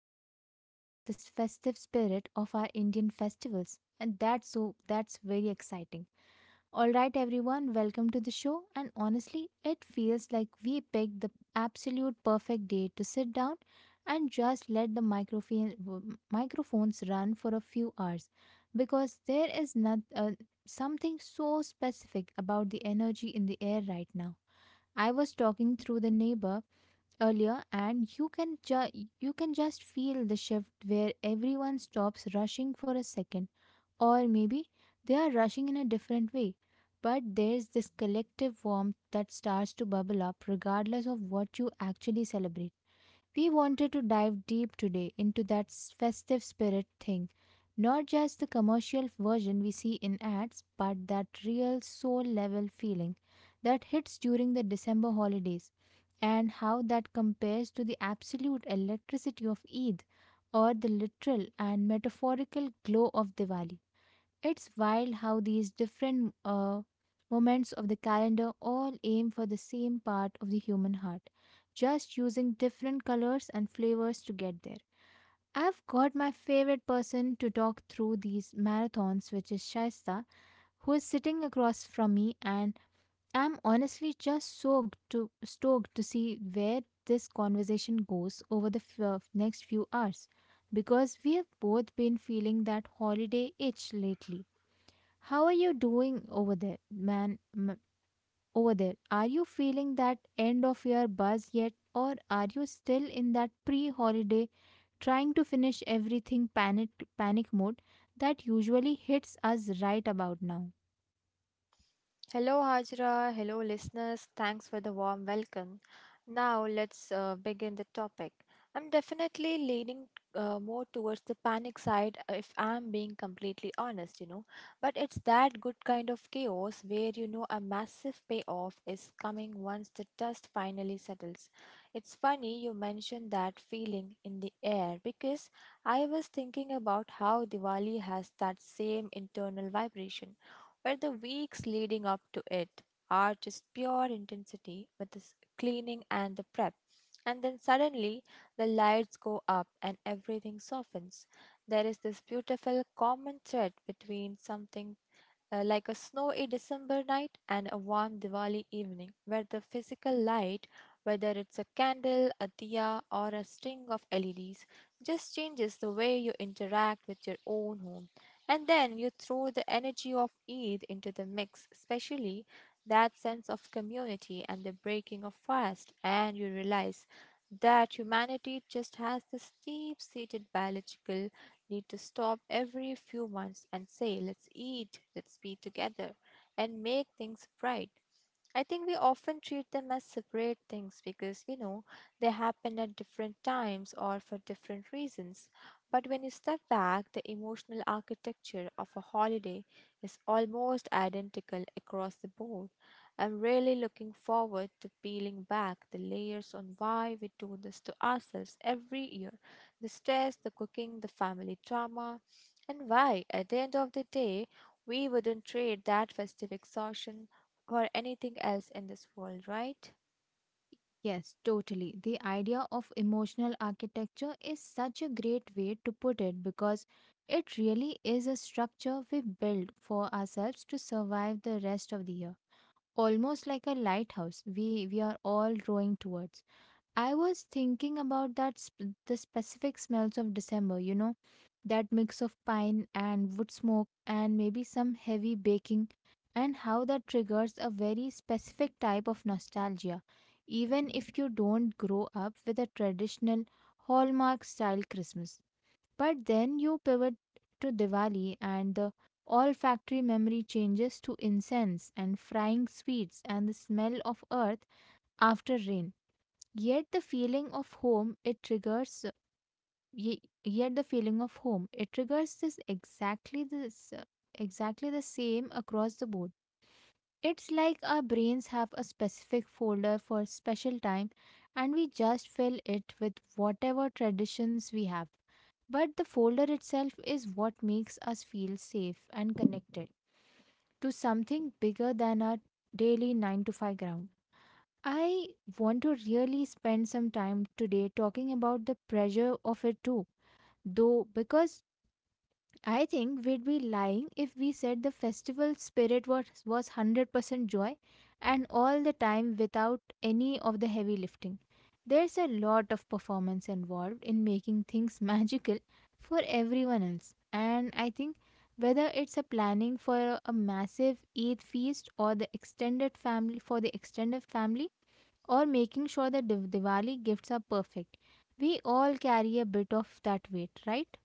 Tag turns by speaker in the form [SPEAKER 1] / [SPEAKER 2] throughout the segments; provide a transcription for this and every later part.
[SPEAKER 1] to discuss about this festive spirit of our Indian festivals. And that's very exciting. All right, everyone, welcome to the show. And honestly, it feels like we picked the absolute perfect day to sit down and just let the microphones run for a few hours because there is not, something so specific about the energy in the air right now. I was talking through the neighbor earlier and you can just feel the shift where everyone stops rushing for a second, or maybe they are rushing in a different way. But there's this collective warmth that starts to bubble up regardless of what you actually celebrate. We wanted to dive deep today into that festive spirit thing. Not just the commercial version we see in ads, but that real soul level feeling that hits during the December holidays, and how that compares to the absolute electricity of Eid or the literal and metaphorical glow of Diwali. It's wild how these different moments of the calendar all aim for the same part of the human heart, just using different colors and flavors to get there. I've got my favorite person to talk through these marathons, which is Shaista, who is sitting across from me, and I'm honestly just soaked to stoked to see where this conversation goes over the next few hours, because we have both been feeling that holiday itch lately. How are you doing over there, man? Over there, are you feeling that end of year buzz yet, or are you still in that pre holiday trying to finish everything panic mode that usually hits us right about now?
[SPEAKER 2] Hello, Hajra. Hello, listeners. Thanks for the warm welcome. Now, let's begin the topic. I'm definitely leaning more towards the panic side, if I'm being completely honest, you know. But it's that good kind of chaos where you know a massive payoff is coming once the dust finally settles. It's funny you mentioned that feeling in the air because I was thinking about how Diwali has that same internal vibration where the weeks leading up to it are just pure intensity with the cleaning and the prep. And then suddenly the lights go up and everything softens. There is this beautiful common thread between something like a snowy December night and a warm Diwali evening, where the physical light, whether it's a candle, a diya, or a string of LEDs, just changes the way you interact with your own home. And then you throw the energy of Eid into the mix, especially that sense of community and the breaking of fast, and you realize that humanity just has this deep seated biological need to stop every few months and say, let's eat, let's be together, and make things right. I think we often treat them as separate things because, you know, they happen at different times or for different reasons. But when you step back, the emotional architecture of a holiday is almost identical across the board. I'm really looking forward to peeling back the layers on why we do this to ourselves every year: the stress, the cooking, the family drama, and why, at the end of the day, we wouldn't trade that festive exhaustion for anything else in this world, right?
[SPEAKER 1] Yes, totally. The idea of emotional architecture is such a great way to put it because it really is a structure we build for ourselves to survive the rest of the year, almost like a lighthouse we are all rowing towards. I was thinking about the specific smells of December, you know, that mix of pine and wood smoke and maybe some heavy baking, and how that triggers a very specific type of nostalgia even if you don't grow up with a traditional hallmark style Christmas. But then you pivot to Diwali and the olfactory memory changes to incense and frying sweets and the smell of earth after rain. Yet the feeling of home it triggers Yet the feeling of home it triggers this exactly the same across the board. It's like our brains have a specific folder for special time and we just fill it with whatever traditions we have, but the folder itself is what makes us feel safe and connected to something bigger than our daily 9 to 5 ground. I want to really spend some time today talking about the pressure of it too, though, because I think we'd be lying if we said the festival spirit was 100% joy and all the time without any of the heavy lifting. There's a lot of performance involved in making things magical for everyone else, and I think whether it's a planning for a massive Eid feast or the extended family for the extended family, or making sure that Diwali gifts are perfect, we all carry a bit of that weight, right?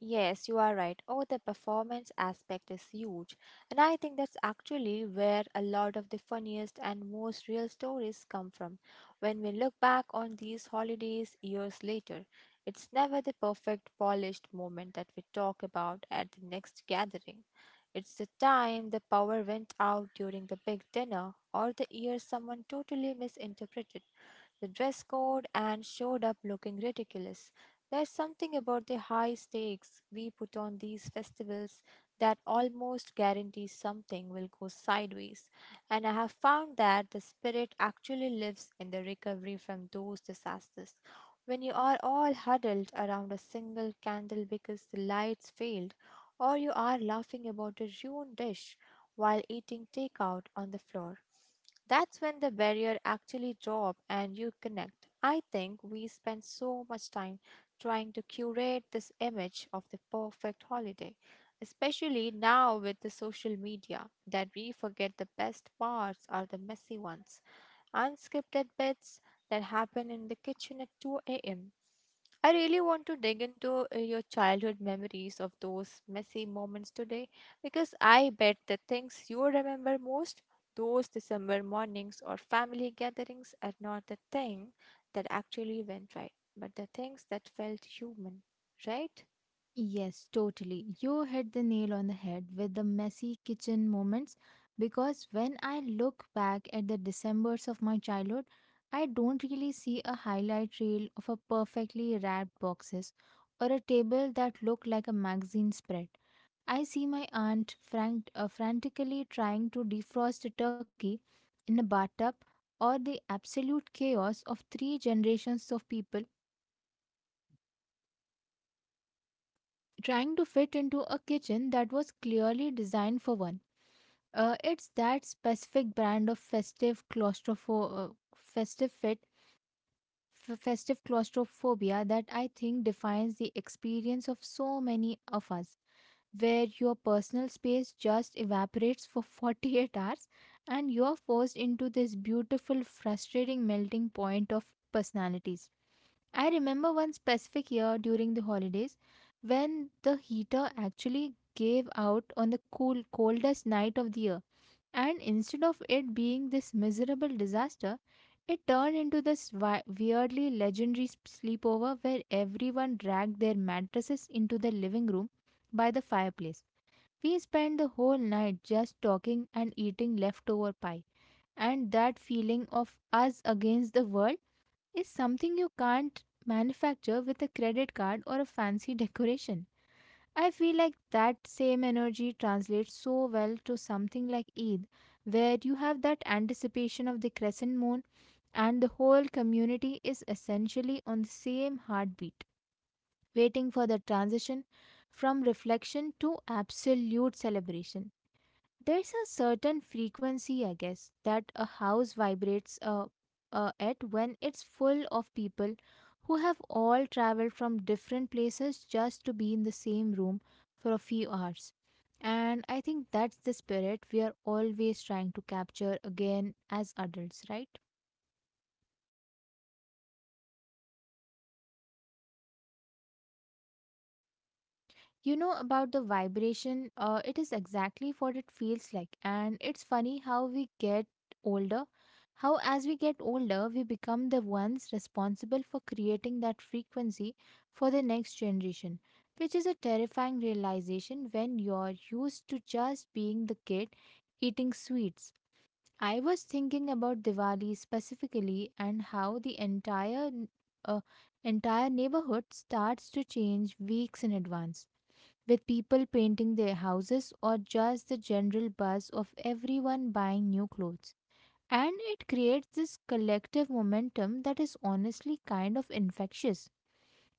[SPEAKER 2] Yes, you are right. Oh, the performance aspect is huge. And I think that's actually where a lot of the funniest and most real stories come from. When we look back on these holidays years later, it's never the perfect, polished moment that we talk about at the next gathering. It's the time the power went out during the big dinner, or the year someone totally misinterpreted the dress code and showed up looking ridiculous. There's something about the high stakes we put on these festivals that almost guarantees something will go sideways, and I have found that the spirit actually lives in the recovery from those disasters. When you are all huddled around a single candle because the lights failed, or you are laughing about a ruined dish while eating takeout on the floor. That's when the barrier actually drop and you connect. I think we spend so much time trying to curate this image of the perfect holiday, especially now with the social media, that we forget the best parts are the messy ones, unscripted bits that happen in the kitchen at 2 a.m. I really want to dig into your childhood memories of those messy moments today, because I bet the things you remember most, those December mornings or family gatherings, are not the thing that actually went right, but the things that felt human, right?
[SPEAKER 1] Yes, totally. You hit the nail on the head with the messy kitchen moments, because when I look back at the Decembers of my childhood, I don't really see a highlight reel of a perfectly wrapped boxes or a table that looked like a magazine spread. I see my aunt frantically trying to defrost a turkey in a bathtub, or the absolute chaos of three generations of people trying to fit into a kitchen that was clearly designed for one. It's that specific brand of festive claustropho- festive fit, f- festive claustrophobia that I think defines the experience of so many of us, where your personal space just evaporates for 48 hours and you're forced into this beautiful, frustrating melting point of personalities. I remember one specific year during the holidays when the heater actually gave out on the coldest night of the year, and instead of it being this miserable disaster, it turned into this weirdly legendary sleepover where everyone dragged their mattresses into the living room by the fireplace. We spent the whole night just talking and eating leftover pie, and that feeling of us against the world is something you can't manufacture with a credit card or a fancy decoration. I feel like that same energy translates so well to something like Eid, where you have that anticipation of the crescent moon and the whole community is essentially on the same heartbeat, waiting for the transition from reflection to absolute celebration. There's a certain frequency, I guess, that a house vibrates at when it's full of people who have all traveled from different places just to be in the same room for a few hours. And I think that's the spirit we are always trying to capture again as adults, right? You know about the vibration, it is exactly what it feels like. And it's funny how older, as we get older, we become the ones responsible for creating that frequency for the next generation, which is a terrifying realization when you're used to just being the kid eating sweets. I was thinking about Diwali specifically and how the entire uh, entire neighborhood starts to change weeks in advance with people painting their houses or just the general buzz of everyone buying new clothes. And it creates this collective momentum that is honestly kind of infectious.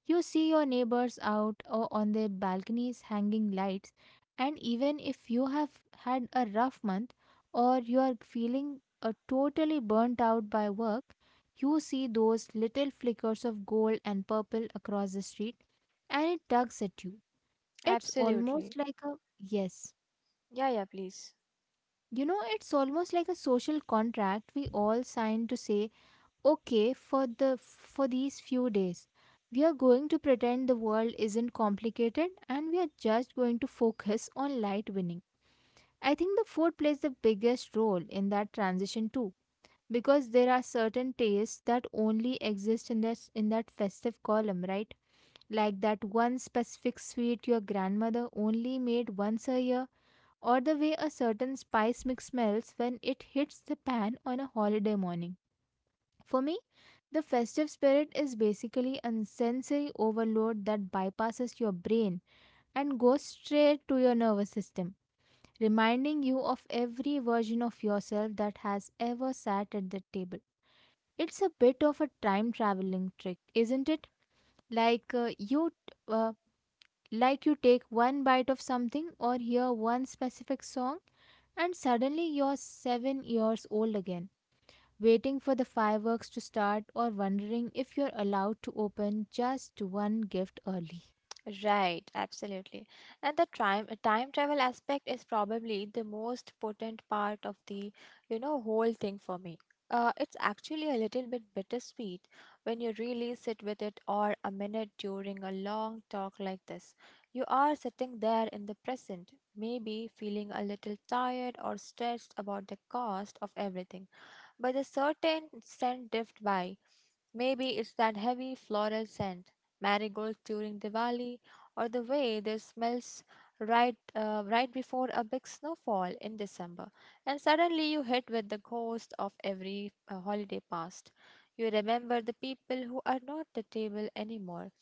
[SPEAKER 1] You see your neighbors out or on their balconies hanging lights, and even if you have had a rough month or you are feeling totally burnt out by work, you see those little flickers of gold and purple across the street and it tugs at you. It's almost
[SPEAKER 2] Absolutely.
[SPEAKER 1] like a yes.
[SPEAKER 2] Yeah, yeah, please.
[SPEAKER 1] You know, it's almost like a social contract we all sign to say, okay, for the for these few days, we are going to pretend the world isn't complicated and we are just going to focus on light winning. I think the food plays the biggest role in that transition too, because there are certain tastes that only exist in that festive column, right? Like that one specific sweet your grandmother only made once a year, or the way a certain spice mix smells when it hits the pan on a holiday morning. For me, the festive spirit is basically a sensory overload that bypasses your brain and goes straight to your nervous system, reminding you of every version of yourself that has ever sat at the table. It's a bit of a time traveling trick, isn't it? Like uh, you uh, like you take one bite of something or hear one specific song, and suddenly you're 7 years old again, waiting for the fireworks to start or wondering if you're allowed to open just one gift early.
[SPEAKER 2] Right, absolutely. And the time travel aspect is probably the most potent part of the, you know, whole thing for me. It's actually a little bit bittersweet when you really sit with it or a minute during a long talk like this. You are sitting there in the present, maybe feeling a little tired or stressed about the cost of everything, but the certain scent dipped by. Maybe it's that heavy floral scent, marigolds during Diwali, or the way this smells right before a big snowfall in December. And suddenly you hit with the ghost of every holiday past. You remember the people who are not at the table anymore.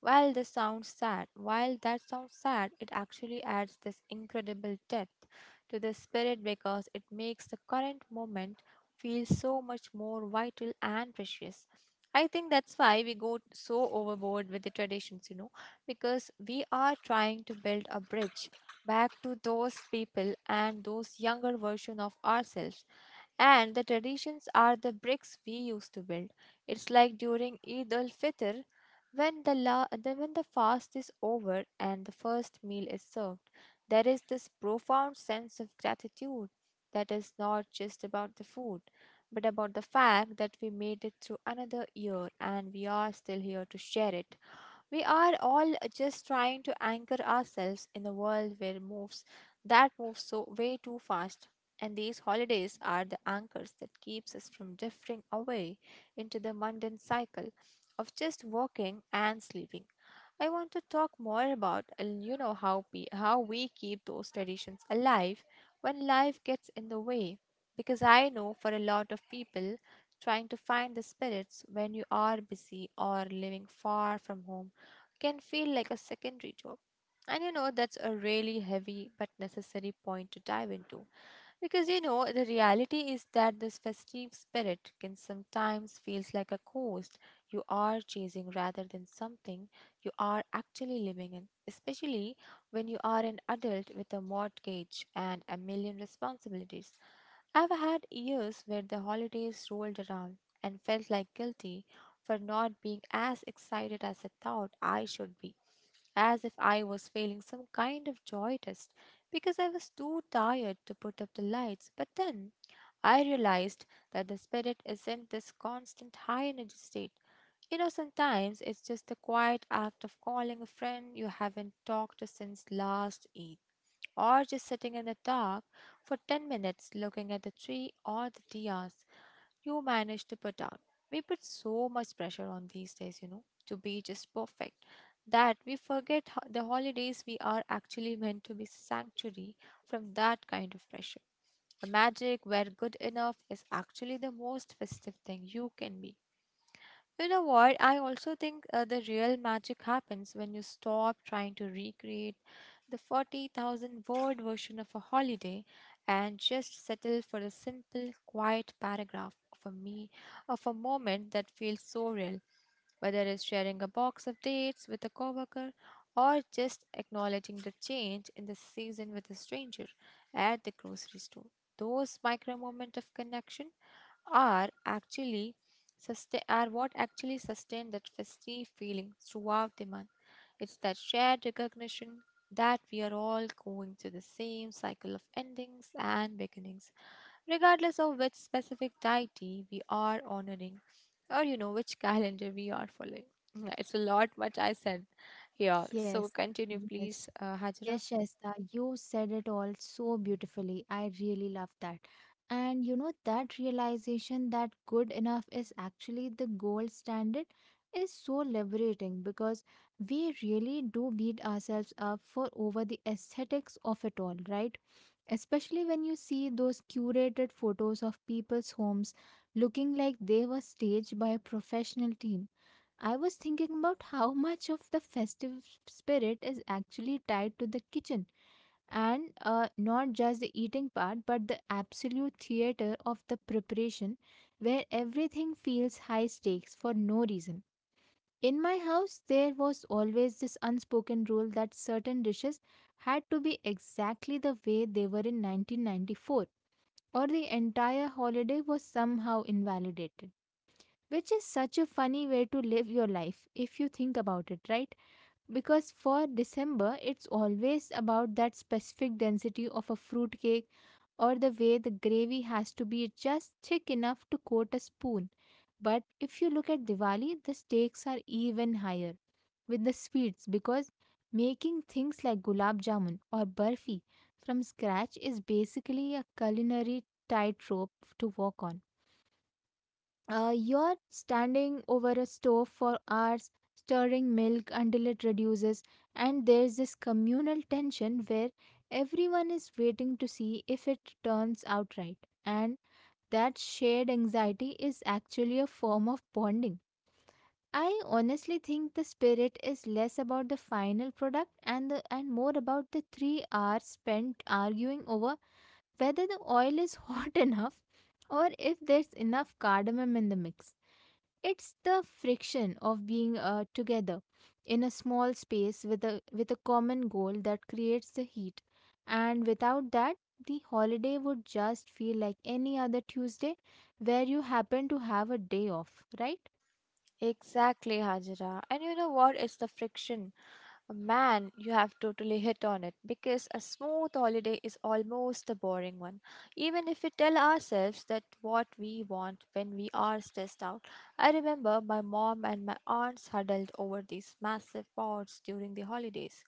[SPEAKER 2] While that sounds sad, it actually adds this incredible depth to the spirit because it makes the current moment feel so much more vital and precious. I think that's why we go so overboard with the traditions, you know, because we are trying to build a bridge back to those people and those younger version of ourselves. And the traditions are the bricks we used to build. It's like during Eid al Fitr, when the fast is over and the first meal is served, there is this profound sense of gratitude that is not just about the food but about the fact that we made it through another year and we are still here to share it. We are all just trying to anchor ourselves in a world where moves that moves so way too fast. And these holidays are the anchors that keeps us from drifting away into the mundane cycle of just working and sleeping. I want to talk more about you know how we keep those traditions alive when life gets in the way, because I know for a lot of people trying to find the spirits when you are busy or living far from home can feel like a secondary job. And you know, that's a really heavy but necessary point to dive into. Because you know, the reality is that this festive spirit can sometimes feels like a ghost you are chasing rather than something you are actually living in, especially when you are an adult with a mortgage and a million responsibilities. I've had years where the holidays rolled around and felt like guilty for not being as excited as I thought I should be, as if I was feeling some kind of joy test because I was too tired to put up the lights. But then I realized that the spirit isn't this constant high energy state. You know, sometimes it's just the quiet act of calling a friend you haven't talked to since last Eid, or just sitting in the dark for 10 minutes looking at the tree or the diyas you manage to put out. We put so much pressure on these days, you know, to be just perfect, that we forget the holidays we are actually meant to be sanctuary from that kind of pressure. The magic where good enough is actually the most festive thing you can be. You know what? I also think the real magic happens when you stop trying to recreate the 40,000 word version of a holiday and just settle for the simple, quiet paragraph of a me of a moment that feels so real. Whether it's sharing a box of dates with a coworker, or just acknowledging the change in the season with a stranger at the grocery store. Those micro moments of connection are actually are what actually sustain that festive feeling throughout the month. It's that shared recognition that we are all going through the same cycle of endings and beginnings, regardless of which specific deity we are honoring or you know which calendar we are following. Yeah, it's a lot what I said here. So
[SPEAKER 1] Yes,
[SPEAKER 2] continue
[SPEAKER 1] yes,
[SPEAKER 2] please, Hajra.
[SPEAKER 1] yes, Shasta, you said it all so beautifully. I really love that. And you know, that realization that good enough is actually the gold standard is so liberating, because we really do beat ourselves up for over the aesthetics of it all, right? Especially when you see those curated photos of people's homes looking like they were staged by a professional team. I was thinking about how much of the festive spirit is actually tied to the kitchen, and not just the eating part but the absolute theater of the preparation, where everything feels high stakes for no reason. In my house, there was always this unspoken rule that certain dishes had to be exactly the way they were in 1994, or the entire holiday was somehow invalidated. Which is such a funny way to live your life if you think about it, right? Because for December, it's always about that specific density of a fruitcake or the way the gravy has to be just thick enough to coat a spoon. But if you look at Diwali, the stakes are even higher with the sweets, because making things like gulab jamun or burfi from scratch is basically a culinary tightrope to walk on. You're standing over a stove for hours, stirring milk until it reduces, and there's this communal tension where everyone is waiting to see if it turns out right. And that shared anxiety is actually a form of bonding. I honestly think the spirit is less about the final product and more about the 3 hours spent arguing over whether the oil is hot enough or if there's enough cardamom in the mix. It's the friction of being together in a small space with a common goal that creates the heat. And without that, the holiday would just feel like any other Tuesday where you happen to have a day off, right?
[SPEAKER 2] Exactly, Hajra. And you know what? It's the friction. Man, you have totally hit on it because a smooth holiday is almost a boring one. Even if we tell ourselves that what we want when we are stressed out. I remember my mom and my aunts huddled over these massive pots during the holidays,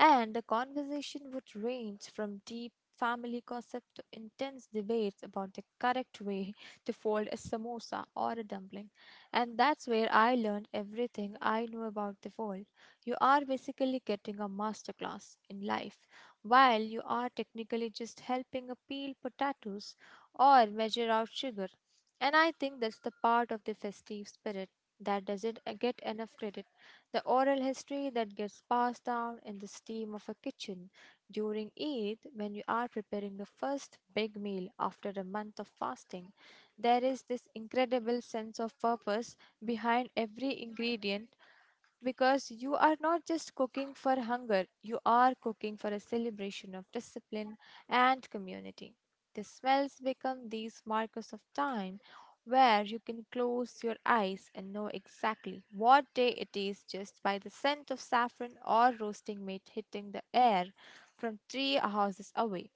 [SPEAKER 2] and the conversation would range from deep family gossip to intense debates about the correct way to fold a samosa or a dumpling. And that's where I learned everything I knew about the world. You are basically getting a masterclass in life, while you are technically just helping a peel potatoes or measure out sugar. And I think that's the part of the festive spirit that doesn't get enough credit. The oral history that gets passed down in the steam of a kitchen during Eid, when you are preparing the first big meal after a month of fasting. There is this incredible sense of purpose behind every ingredient because you are not just cooking for hunger, you are cooking for a celebration of discipline and community. The smells become these markers of time where you can close your eyes and know exactly what day it is just by the scent of saffron or roasting meat hitting the air from three houses away.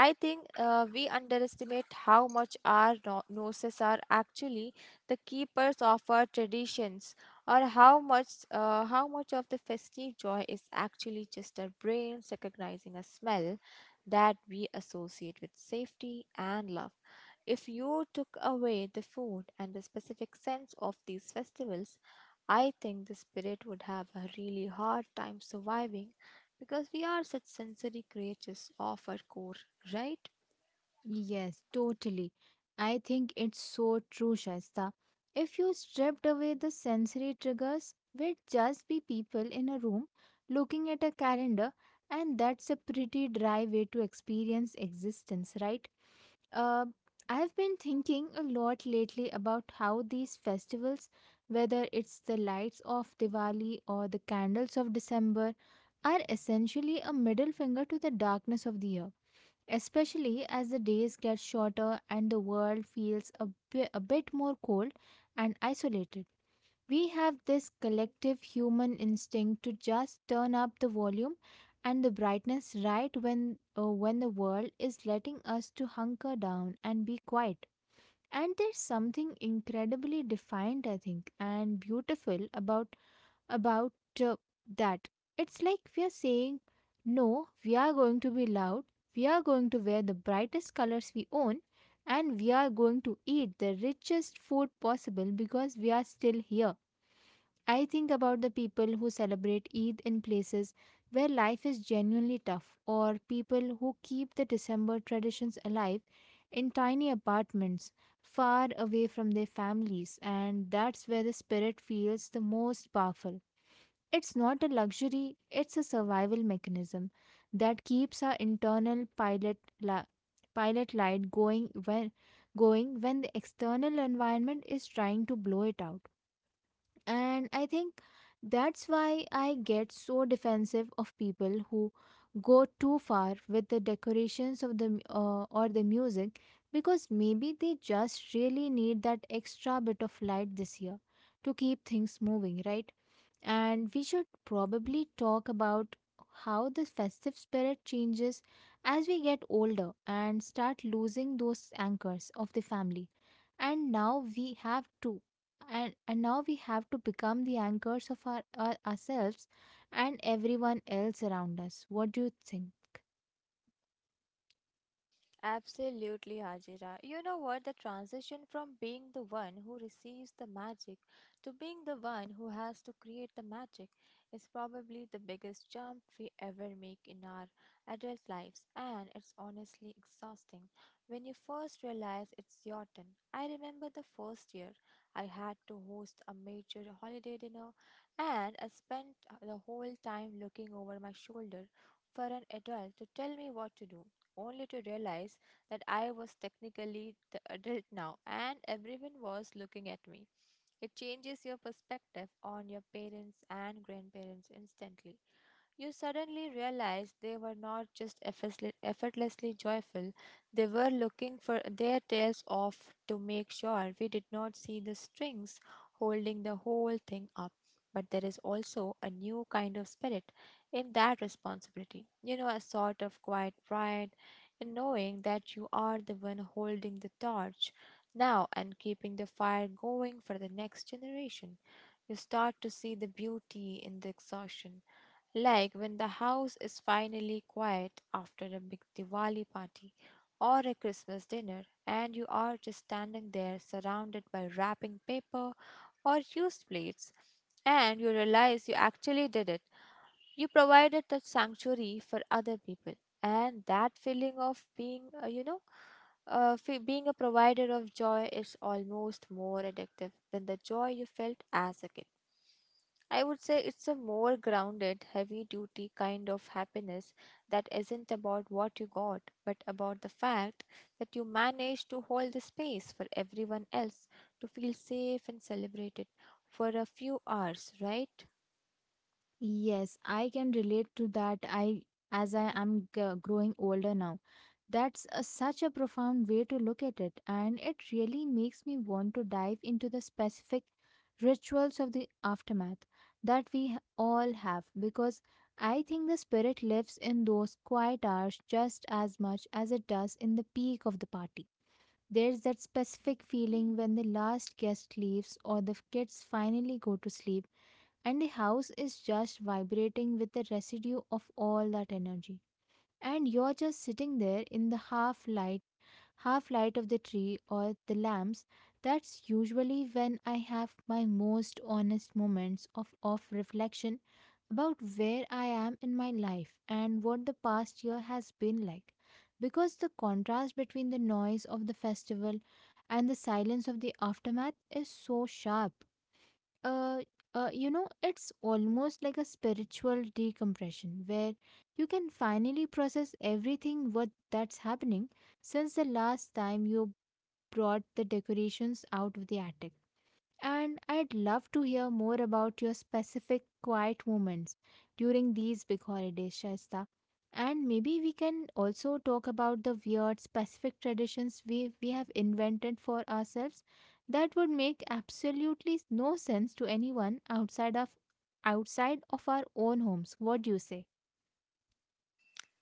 [SPEAKER 2] I think we underestimate how much our noses are actually the keepers of our traditions, or how much of the festive joy is actually just our brains recognizing a smell that we associate with safety and love. If you took away the food and the specific sense of these festivals, I think the spirit would have a really hard time surviving because we are such sensory creatures of our core, right?
[SPEAKER 1] Yes, totally. I think it's so true, Shaista. If you stripped away the sensory triggers, we'd just be people in a room looking at a calendar, and that's a pretty dry way to experience existence, right? Uh, I've been thinking a lot lately about how these festivals, whether it's the lights of Diwali or the candles of December, are essentially a middle finger to the darkness of the year, especially as the days get shorter and the world feels a bit more cold and isolated. We have this collective human instinct to just turn up the volume and the brightness right when the world is letting us to hunker down and be quiet. And there's something incredibly defined, I think, and beautiful about about uh, that. It's like we are saying, no, we are going to be loud, we are going to wear the brightest colors we own, and we are going to eat the richest food possible because we are still here. I think about the people who celebrate Eid in places where life is genuinely tough, or people who keep the December traditions alive in tiny apartments far away from their families, and that's where the spirit feels the most powerful. It's not a luxury, it's a survival mechanism that keeps our internal pilot light going when the external environment is trying to blow it out. And I think that's why I get so defensive of people who go too far with the decorations of the or the music, because maybe they just really need that extra bit of light this year to keep things moving, right? And we should probably talk about how the festive spirit changes as we get older and start losing those anchors of the family. And now we have to. And now we have to become the anchors of our ourselves and everyone else around us. What do you think?
[SPEAKER 2] Absolutely, Hajira. You know what? The transition from being the one who receives the magic to being the one who has to create the magic is probably the biggest jump we ever make in our adult lives, and it's honestly exhausting when you first realize it's your turn. I remember the first year I had to host a major holiday dinner, and I spent the whole time looking over my shoulder for an adult to tell me what to do only to realize that I was technically the adult now and everyone was looking at me. It changes your perspective on your parents and grandparents instantly. You suddenly realize they were not just effortlessly joyful, they were looking for their tails off to make sure we did not see the strings holding the whole thing up. But there is also a new kind of spirit in that responsibility, you know, a sort of quiet pride in knowing that you are the one holding the torch now and keeping the fire going for the next generation. You start to see the beauty in the exhaustion, like when the house is finally quiet after a big Diwali party or a Christmas dinner, and you are just standing there surrounded by wrapping paper or used plates, and you realize you actually did it. You provided that sanctuary for other people, and that feeling of being, you know, fe- being a provider of joy is almost more addictive than the joy you felt as a kid. I would say it's a more grounded, heavy duty kind of happiness that isn't about what you got, but about the fact that you managed to hold the space for everyone else to feel safe and celebrated for a few hours, right?
[SPEAKER 1] Yes, I can relate to that, I, as I am growing older now. That's such a profound way to look at it, and it really makes me want to dive into the specific rituals of the aftermath that we all have, because I think the spirit lives in those quiet hours just as much as it does in the peak of the party. There's that specific feeling when the last guest leaves or the kids finally go to sleep, and the house is just vibrating with the residue of all that energy, and you're just sitting there in the half light of the tree or the lamps. That's usually when I have my most honest moments of reflection about where I am in my life and what the past year has been like. Because the contrast between the noise of the festival and the silence of the aftermath is so sharp, uh, it's almost like a spiritual decompression where you can finally process everything what that's happening since the last time you brought the decorations out of the attic. And I'd love to hear more about your specific quiet moments during these big holidays, Shaista. And maybe we can also talk about the weird specific traditions we have invented for ourselves that would make absolutely no sense to anyone outside of our own homes. What do you say?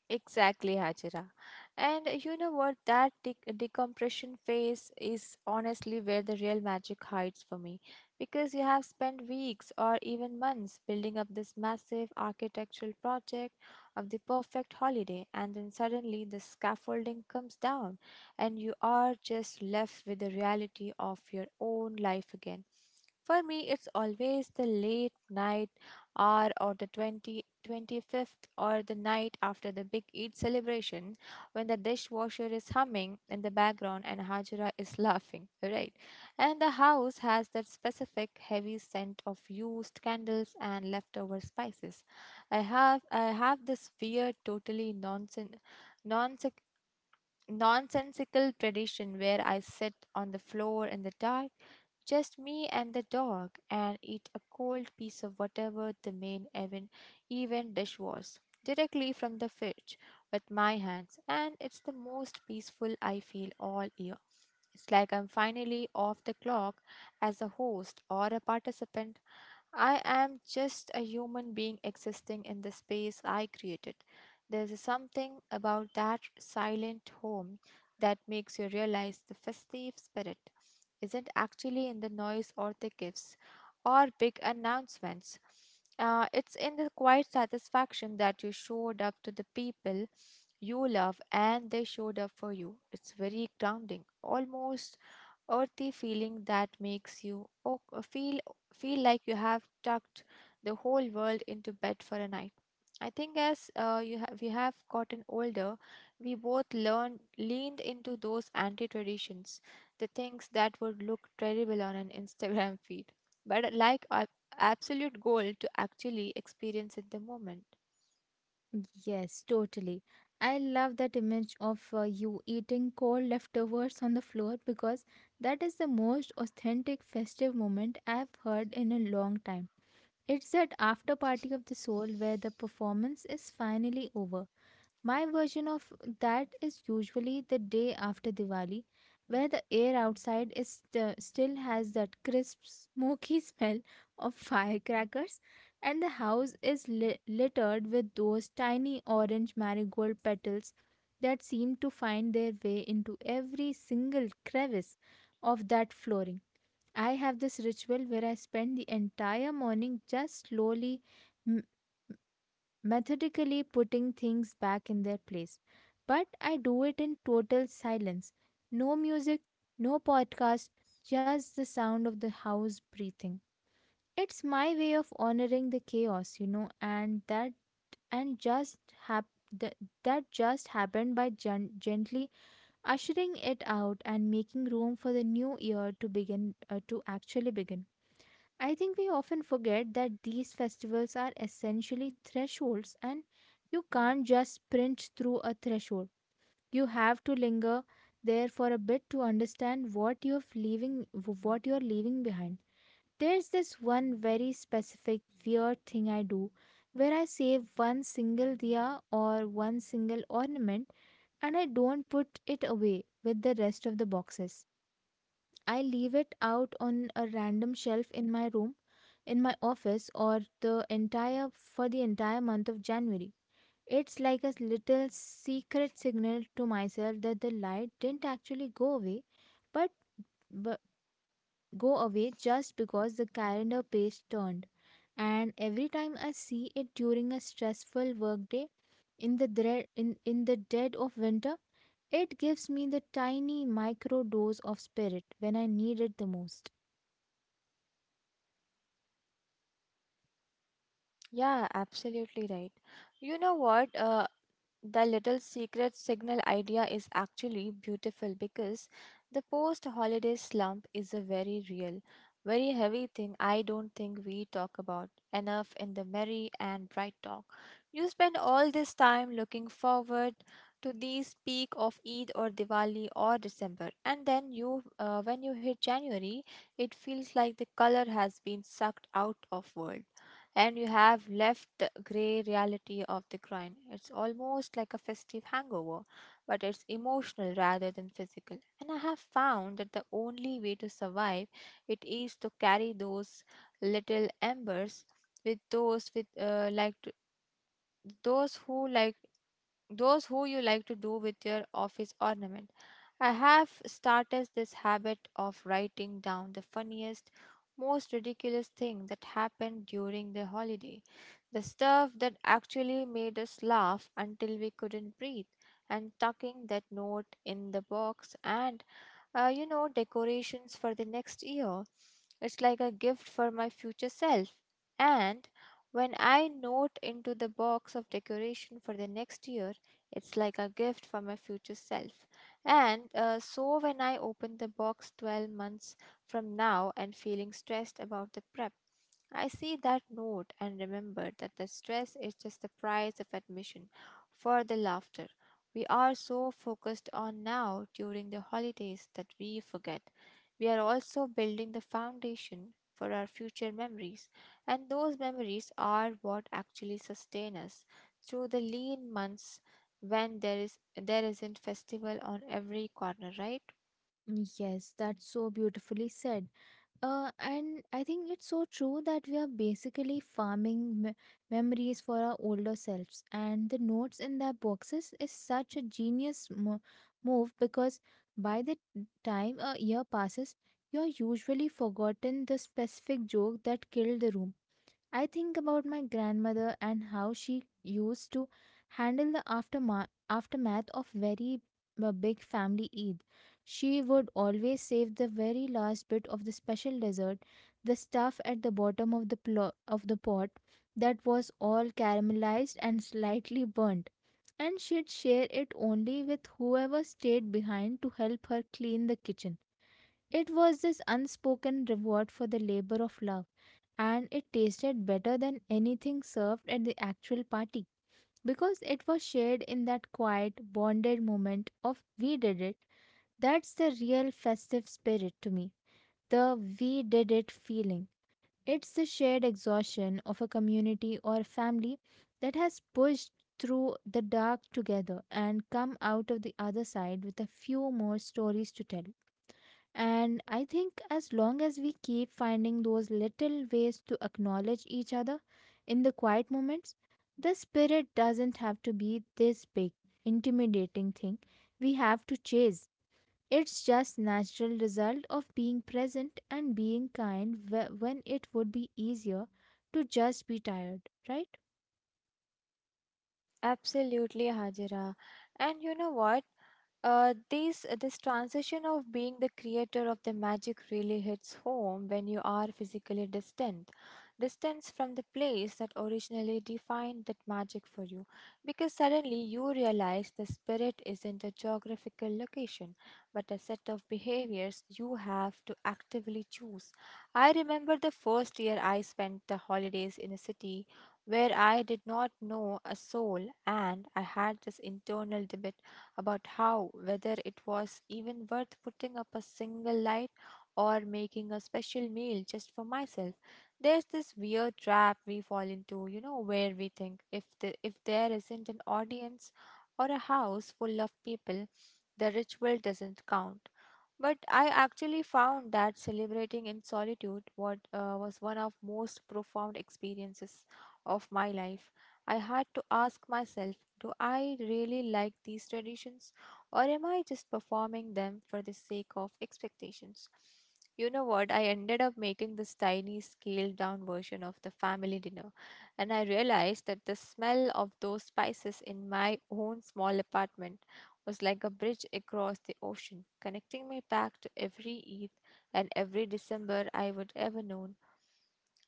[SPEAKER 2] Exactly, Hajira. And you know what? That decompression phase is honestly where the real magic hides for me. Because you have spent weeks or even months building up this massive architectural project of the perfect holiday, and then suddenly the scaffolding comes down, and you are just left with the reality of your own life again. For me, it's always the late night hour or the 20 twenty-fifth, or the night after the big Eid celebration, when the dishwasher is humming in the background and Hajra is laughing, right? And the house has that specific heavy scent of used candles and leftover spices. I have this weird, totally nonsense, nonsensical tradition where I sit on the floor in the dark, just me and the dog, and eat a cold piece of whatever the main event dish was, directly from the fridge with my hands, and it's the most peaceful I feel all year. It's like I'm finally off the clock as a host or a participant. I am just a human being existing in the space I created. There's something about that silent home that makes you realize the festive spirit isn't actually in the noise or the gifts or big announcements. It's in the quiet satisfaction that you showed up to the people you love and they showed up for you. It's very grounding, almost earthy feeling that makes you feel like you have tucked the whole world into bed for a night. I think as we have gotten older, we both learned leaned into those anti traditions, the things that would look terrible on an Instagram feed, but like a absolute goal to actually experience in the moment.
[SPEAKER 1] Yes, totally. I love that image of you eating cold leftovers on the floor, because that is the most authentic festive moment I've heard in a long time. It's that after party of the soul where the performance is finally over. My version of that is usually the day after Diwali, where the air outside still has that crisp, smoky smell of firecrackers, and the house is littered with those tiny orange marigold petals that seem to find their way into every single crevice of that flooring. I have this ritual where I spend the entire morning just slowly, methodically putting things back in their place. But I do it in total silence. No music, no podcast, just the sound of the house breathing. It's my way of honoring the chaos, you know, and and just hap- th- that just happened, by gently ushering it out and making room for the new year to begin to actually begin. I think we often forget that these festivals are essentially thresholds, and you can't just sprint through a threshold. You have to linger there for a bit to understand what you're leaving behind. There's this one very specific weird thing I do, where I save one single diya or one single ornament, and I don't put it away with the rest of the boxes. I leave it out on a random shelf in my room, in my office, or the entire for the entire month of January. It's like a little secret signal to myself that the light didn't actually go away, but, but go away just because the calendar page turned. And every time I see it during a stressful workday in the dread, in the dead of winter, it gives me the tiny micro dose of spirit when I need it the most.
[SPEAKER 2] Yeah, absolutely right. You know what? The little secret signal idea is actually beautiful because the post holiday slump is a very real, very heavy thing I don't think we talk about enough in the merry and bright talk. You spend all this time looking forward to these peak of Eid or Diwali or December, and then when you hit January, it feels like the color has been sucked out of world and you have left the grey reality of the grind. It's almost like a festive hangover, but it's emotional rather than physical. And I have found that the only way to survive it is to carry those little embers with those with like to, those who like those who you like to do with your office ornament. I have started this habit of writing down the funniest, most ridiculous thing that happened during the holiday, the stuff that actually made us laugh until we couldn't breathe, and tucking that note in the box and you know, decorations for the next year. It's like a gift for my future self. And when I note into the box of decoration for the next year, it's like a gift for my future self. And so when I open the box 12 months from now and feeling stressed about the prep, I see that note and remember that the stress is just the price of admission for the laughter we are so focused on now during the holidays that we forget. We are also building the foundation for our future memories, and those memories are what actually sustain us through the lean months when there isn't festival on every corner, right?
[SPEAKER 1] Yes, that's so beautifully said. And I think it's so true that we are basically farming memories for our older selves. And the notes in their boxes is such a genius move, because by the time a year passes, you're usually forgotten the specific joke that killed the room. I think about my grandmother and how she used to handle the aftermath of very big family Eid. She would always save the very last bit of the special dessert, the stuff at the bottom of the pot that was all caramelized and slightly burnt, and she'd share it only with whoever stayed behind to help her clean the kitchen. It was this unspoken reward for the labor of love, and it tasted better than anything served at the actual party, because it was shared in that quiet, bonded moment of we did it. That's the real festive spirit to me, the we did it feeling. It's the shared exhaustion of a community or family that has pushed through the dark together and come out of the other side with a few more stories to tell. And I think as long as we keep finding those little ways to acknowledge each other in the quiet moments, the spirit doesn't have to be this big, intimidating thing we have to chase. It's just natural result of being present and being kind when it would be easier to just be tired, right?
[SPEAKER 2] Absolutely, Hajira. And you know what? These this transition of being the creator of the magic really hits home when you are physically distance from the place that originally defined that magic for you, because suddenly you realize the spirit isn't a geographical location, but a set of behaviors you have to actively choose. I remember the first year I spent the holidays in a city where I did not know a soul, and I had this internal debate about how whether it was even worth putting up a single light or making a special meal just for myself. There's this weird trap we fall into, you know, where we think if the, if there isn't an audience or a house full of people, the ritual doesn't count. But I actually found that celebrating in solitude what was one of most profound experiences of my life. I had to ask myself, do I really like these traditions or am I just performing them for the sake of expectations? You know what? I ended up making this tiny, scaled down version of the family dinner, and I realized that the smell of those spices in my own small apartment was like a bridge across the ocean, connecting me back to every Eid and every December I would ever know.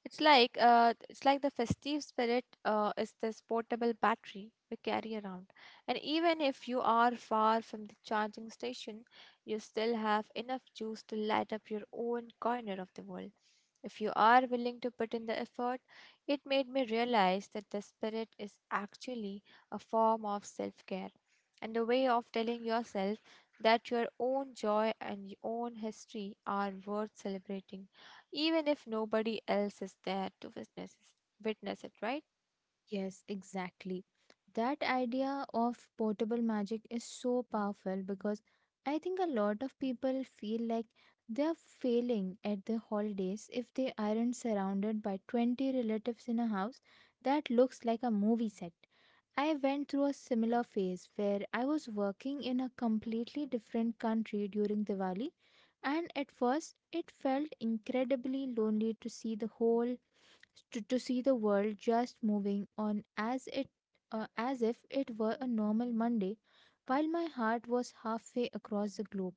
[SPEAKER 2] It's like the festive spirit is this portable battery we carry around, and even if you are far from the charging station, you still have enough juice to light up your own corner of the world. If you are willing to put in the effort, it made me realize that the spirit is actually a form of self care and a way of telling yourself that your own joy and your own history are worth celebrating even if nobody else is there to witness it, right?
[SPEAKER 1] Yes, exactly. That idea of portable magic is so powerful, because I think a lot of people feel like they are failing at the holidays if they aren't surrounded by 20 relatives in a house that looks like a movie set. I went through a similar phase where I was working in a completely different country during Diwali, and at first it felt incredibly lonely to see to see the world just moving on as it as if it were a normal Monday, while my heart was halfway across the globe.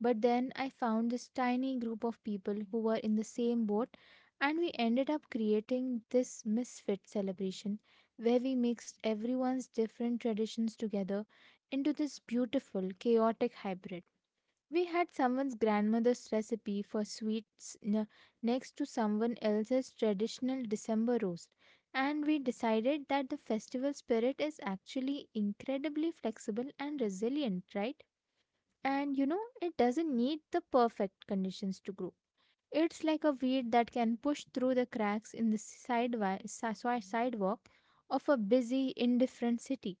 [SPEAKER 1] But then I found this tiny group of people who were in the same boat, and we ended up creating this misfit celebration where we mixed everyone's different traditions together into this beautiful, chaotic hybrid. We had someone's grandmother's recipe for sweets next to someone else's traditional December roast, and we decided that the festival spirit is actually incredibly flexible and resilient, right? And you know, it doesn't need the perfect conditions to grow. It's like a weed that can push through the cracks in the sidewalk of a busy, indifferent city.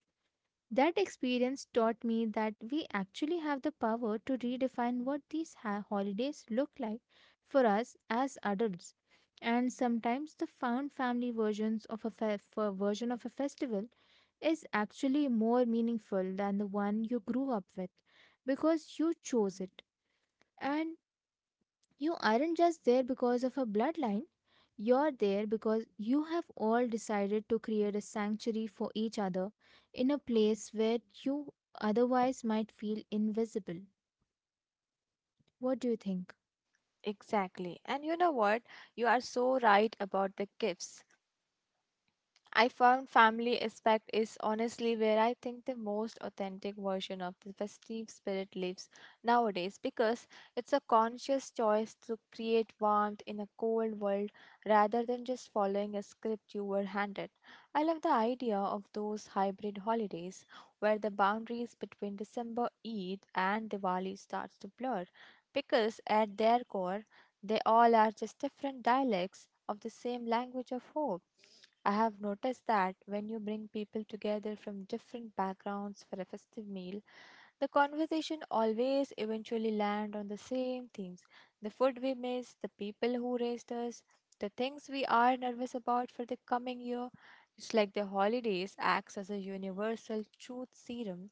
[SPEAKER 1] That experience taught me that we actually have the power to redefine what these holidays look like for us as adults. And sometimes the found family version of a festival is actually more meaningful than the one you grew up with, because you chose it. And you aren't just there because of a bloodline. You're there because you have all decided to create a sanctuary for each other in a place where you otherwise might feel invisible. What do you think?
[SPEAKER 2] Exactly. And you know what? You are so right about the gifts. I found family aspect is honestly where I think the most authentic version of the festive spirit lives nowadays because it's a conscious choice to create warmth in a cold world rather than just following a script you were handed. I love the idea of those hybrid holidays where the boundaries between December, Eid and Diwali starts to blur, because at their core they all are just different dialects of the same language of hope. I have noticed that when you bring people together from different backgrounds for a festive meal, the conversation always eventually land on the same themes, the food we miss, the people who raised us, the things we are nervous about for the coming year. It's like the holidays acts as a universal truth serum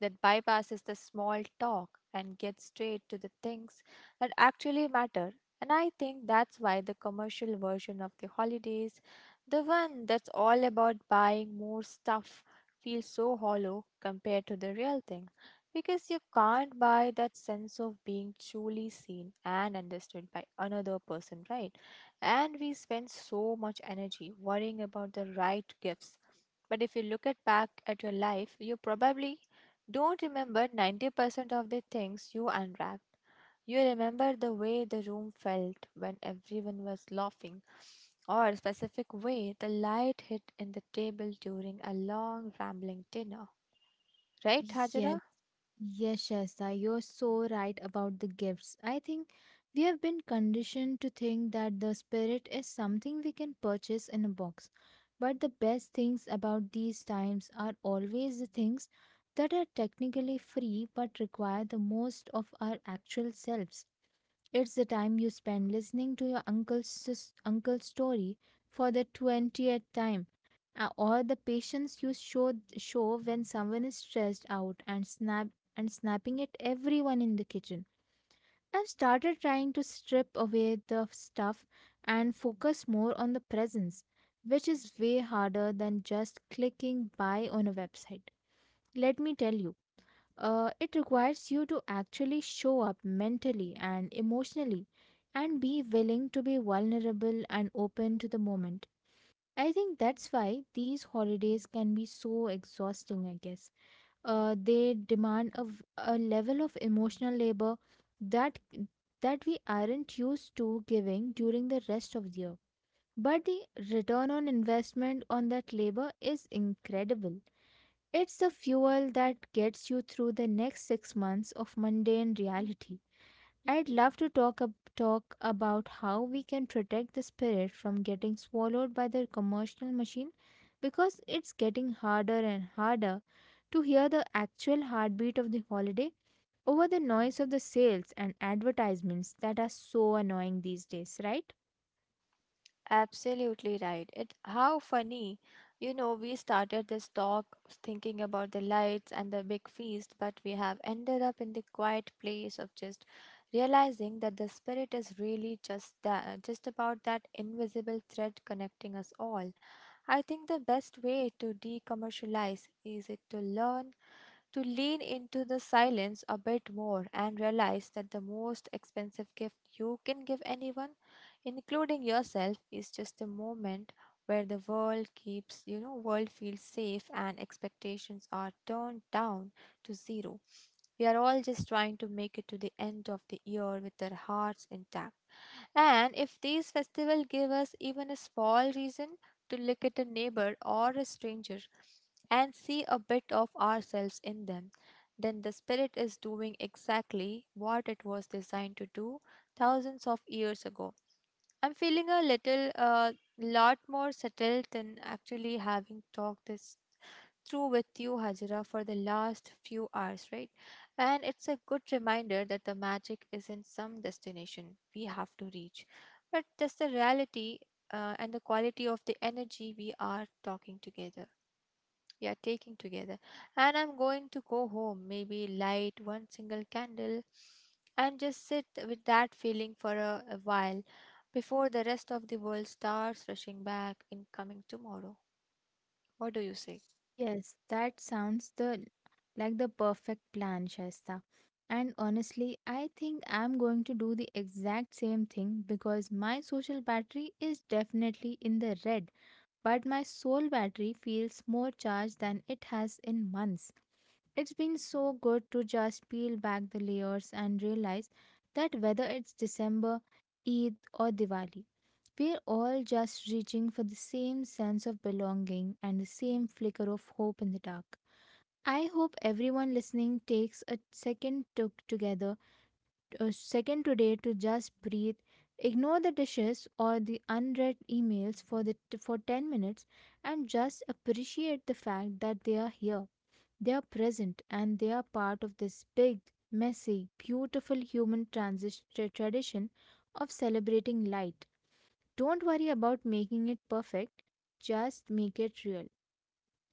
[SPEAKER 2] that bypasses the small talk and gets straight to the things that actually matter. And I think that's why the commercial version of the holidays, the one that's all about buying more stuff, feels so hollow compared to the real thing, because you can't buy that sense of being truly seen and understood by another person, right? And we spend so much energy worrying about the right gifts. But if you look at back at your life, you probably don't remember 90% of the things you unwrapped. You remember the way the room felt when everyone was laughing, or, specific way, the light hit in the table during a long rambling dinner. Right,
[SPEAKER 1] Yes,
[SPEAKER 2] Hajara?
[SPEAKER 1] Yes, Shaista, you're so right about the gifts. I think we have been conditioned to think that the spirit is something we can purchase in a box. But the best things about these times are always the things that are technically free but require the most of our actual selves. It's the time you spend listening to your uncle's story for the 20th time, or the patience you show when someone is stressed out and snapping at everyone in the kitchen. I've started trying to strip away the stuff and focus more on the presence, which is way harder than just clicking buy on a website. Let me tell you, it requires you to actually show up mentally and emotionally and be willing to be vulnerable and open to the moment. I think that's why these holidays can be so exhausting, I guess. They demand a level of emotional labor that that we aren't used to giving during the rest of the year. But the return on investment on that labor is incredible. It's the fuel that gets you through the next 6 months of mundane reality. I'd love to talk about how we can protect the spirit from getting swallowed by the commercial machine, because it's getting harder and harder to hear the actual heartbeat of the holiday over the noise of the sales and advertisements that are so annoying these days, right?
[SPEAKER 2] Absolutely right. It how funny. You know, we started this talk thinking about the lights and the big feast, but we have ended up in the quiet place of just realizing that the spirit is really just that, just about that invisible thread connecting us all. I think the best way to decommercialize is it to learn to lean into the silence a bit more and realize that the most expensive gift you can give anyone including yourself is just a moment where the world keeps world feels safe and expectations are turned down to zero. We are all just trying to make it to the end of the year with our hearts intact, and if these festivals give us even a small reason to look at a neighbor or a stranger and see a bit of ourselves in them, then the spirit is doing exactly what it was designed to do thousands of years ago. I'm feeling a little, lot more settled than actually having talked this through with you, Hajira, for the last few hours, right? And it's a good reminder that the magic isn't some destination we have to reach, but just the reality and the quality of the energy we are taking together. And I'm going to go home, maybe light one single candle and just sit with that feeling for a while before the rest of the world starts rushing back in coming tomorrow. What do you say?
[SPEAKER 1] Yes, that sounds the like the perfect plan, Shaista. And honestly, I think I'm going to do the exact same thing because my social battery is definitely in the red, but my soul battery feels more charged than it has in months. It's been so good to just peel back the layers and realize that whether it's December, Eid, or Diwali, we're all just reaching for the same sense of belonging and the same flicker of hope in the dark. I hope everyone listening takes a second to together, a second today to just breathe, ignore the dishes or the unread emails for the for 10 minutes, and just appreciate the fact that they are here. They are present, and they are part of this big, messy, beautiful human transition tradition of celebrating light. Don't worry about making it perfect, just make it real,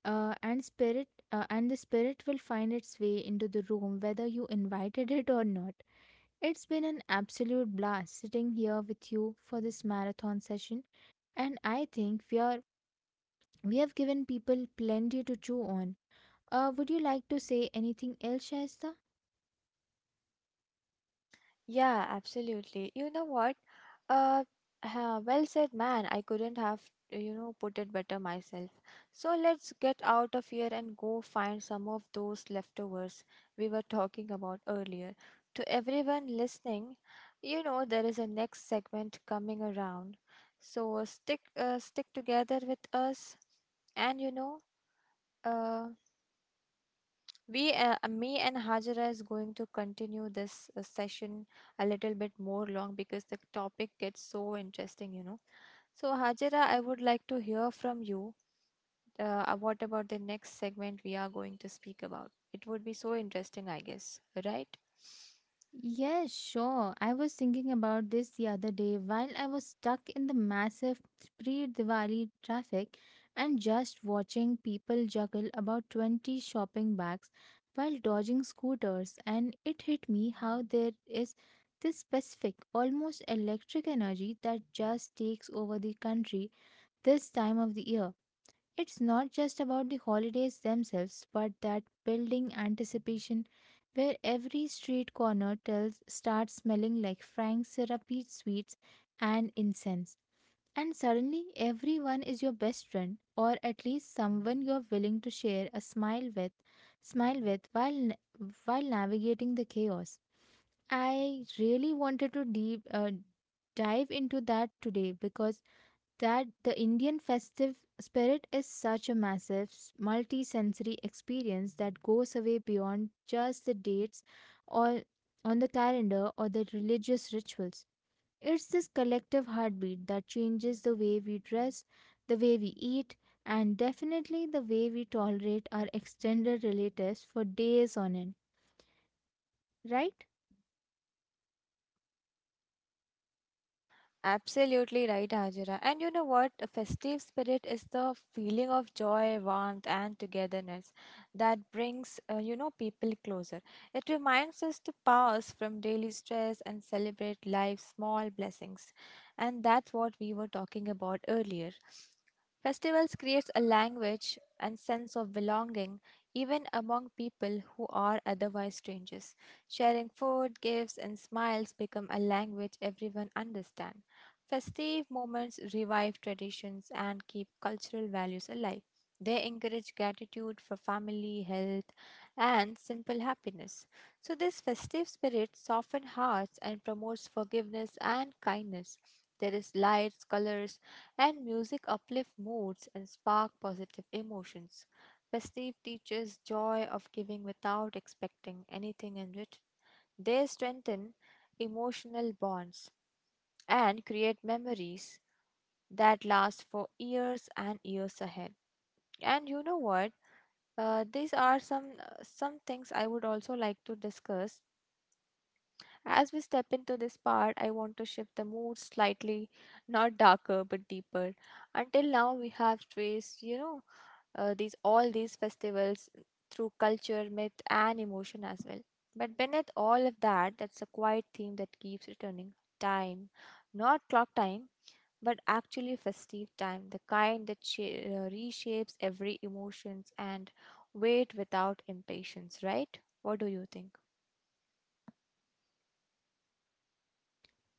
[SPEAKER 1] and the spirit will find its way into the room whether you invited it or not. It's been an absolute blast sitting here with you for this marathon session, and I think we have given people plenty to chew on. Uh, would you like to say anything else, Shaista?
[SPEAKER 2] Yeah, absolutely. You know what? Uh, well said, man. I couldn't have, put it better myself. So let's get out of here and go find some of those leftovers we were talking about earlier. To everyone listening, there is a next segment coming around. So stick together with us, and uh, me and Hajara is going to continue this session a little bit more long because the topic gets so interesting, you know. So, Hajara, I would like to hear from you. What about the next segment we are going to speak about? It would be so interesting, I guess, right?
[SPEAKER 1] Yes, sure. I was thinking about this the other day while I was stuck in the massive pre Diwali traffic and just watching people juggle about 20 shopping bags while dodging scooters. And it hit me how there is this specific, almost electric energy that just takes over the country this time of the year. It's not just about the holidays themselves, but that building anticipation where every street corner tells starts smelling like frank syrupy sweets and incense. And suddenly everyone is your best friend, or at least someone you're willing to share a smile with, while navigating the chaos. I really wanted to deep dive into that today because that the Indian festive spirit is such a massive, multi sensory experience that goes away beyond just the dates, or on the calendar, or the religious rituals. It's this collective heartbeat that changes the way we dress, the way we eat, and definitely the way we tolerate our extended relatives for days on end, right?
[SPEAKER 2] Absolutely right, Hajira. And you know what? A festive spirit is the feeling of joy, warmth, and togetherness that brings, people closer. It reminds us to pause from daily stress and celebrate life's small blessings. And that's what we were talking about earlier. Festivals creates a language and sense of belonging even among people who are otherwise strangers. Sharing food, gifts, and smiles become a language everyone understands. Festive moments revive traditions and keep cultural values alive. They encourage gratitude for family, health, and simple happiness. So, this festive spirit softens hearts and promotes forgiveness and kindness. There is lights, colors, and music uplift moods and spark positive emotions. Festive teaches joy of giving without expecting anything in return. They strengthen emotional bonds and create memories that last for years and years ahead. And you know what? These are some some things I would also like to discuss. As we step into this part, I want to shift the mood slightly, not darker but deeper. Until now, we have traced, you know, these all these festivals through culture, myth, and emotion as well. But beneath all of that, that's a quiet theme that keeps returning: time, not clock time, but actually festive time, the kind that reshapes every emotions and wait without impatience, right? What do you think?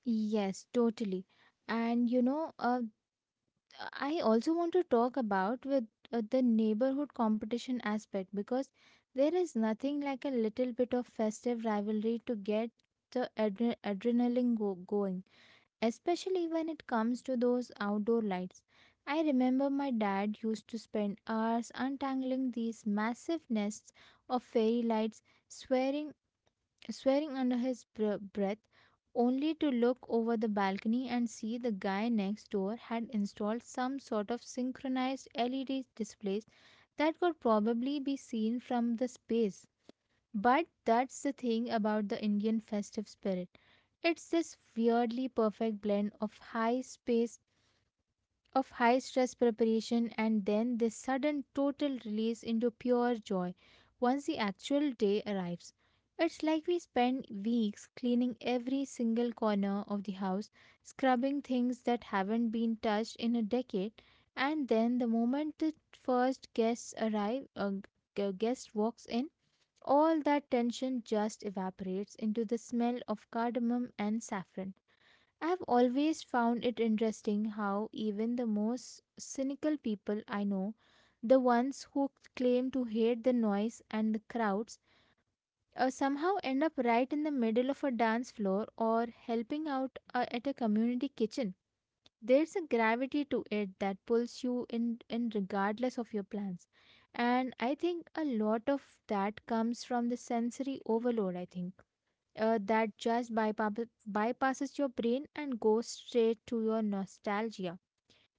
[SPEAKER 1] Yes, totally. And you know, I also want to talk about with the neighborhood competition aspect, because there is nothing like a little bit of festive rivalry to get the adrenaline going, especially when it comes to those outdoor lights. I remember my dad used to spend hours untangling these massive nests of fairy lights, swearing swearing under his breath, only to look over the balcony and see the guy next door had installed some sort of synchronized LED displays that could probably be seen from the space. But that's the thing about the Indian festive spirit. It's this weirdly perfect blend of high space of high stress preparation and then this sudden total release into pure joy once the actual day arrives. It's like we spend weeks cleaning every single corner of the house, scrubbing things that haven't been touched in a decade, and then the moment the first guests arrive, a g- guest walks in, all that tension just evaporates into the smell of cardamom and saffron. I have always found it interesting how even the most cynical people I know, the ones who claim to hate the noise and the crowds, somehow end up right in the middle of a dance floor or helping out at a community kitchen. There's a gravity to it that pulls you in regardless of your plans. And I think a lot of that comes from the sensory overload, I think, that just bypasses your brain and goes straight to your nostalgia.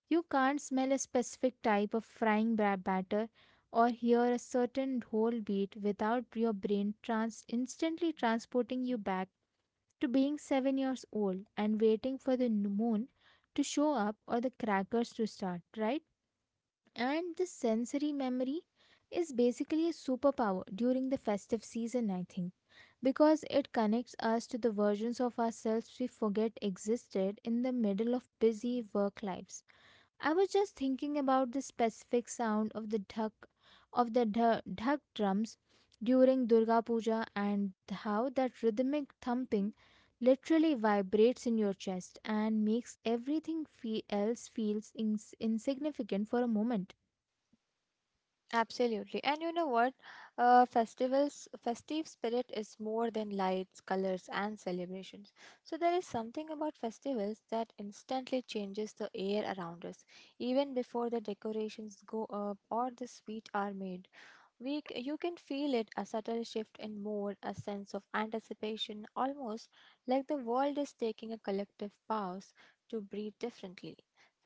[SPEAKER 1] You can't smell a specific type of frying batter or hear a certain whole beat without your brain instantly transporting you back to being 7 years old and waiting for the moon to show up or the crackers to start, right? And this sensory memory is basically a superpower during the festive season, I think, because it connects us to the versions of ourselves we forget existed in the middle of busy work lives. I was just thinking about the specific sound of the dhak, of the dh dhak drums during Durga Puja, and how that rhythmic thumping literally vibrates in your chest and makes everything fe- else feels ins- insignificant for a moment.
[SPEAKER 2] Absolutely. And you know what? Festive spirit is more than lights, colors, and celebrations. So there is something about festivals that instantly changes the air around us, even before the decorations go up or the sweet are made. You can feel it a subtle shift in mood, a sense of anticipation, almost like the world is taking a collective pause to breathe differently.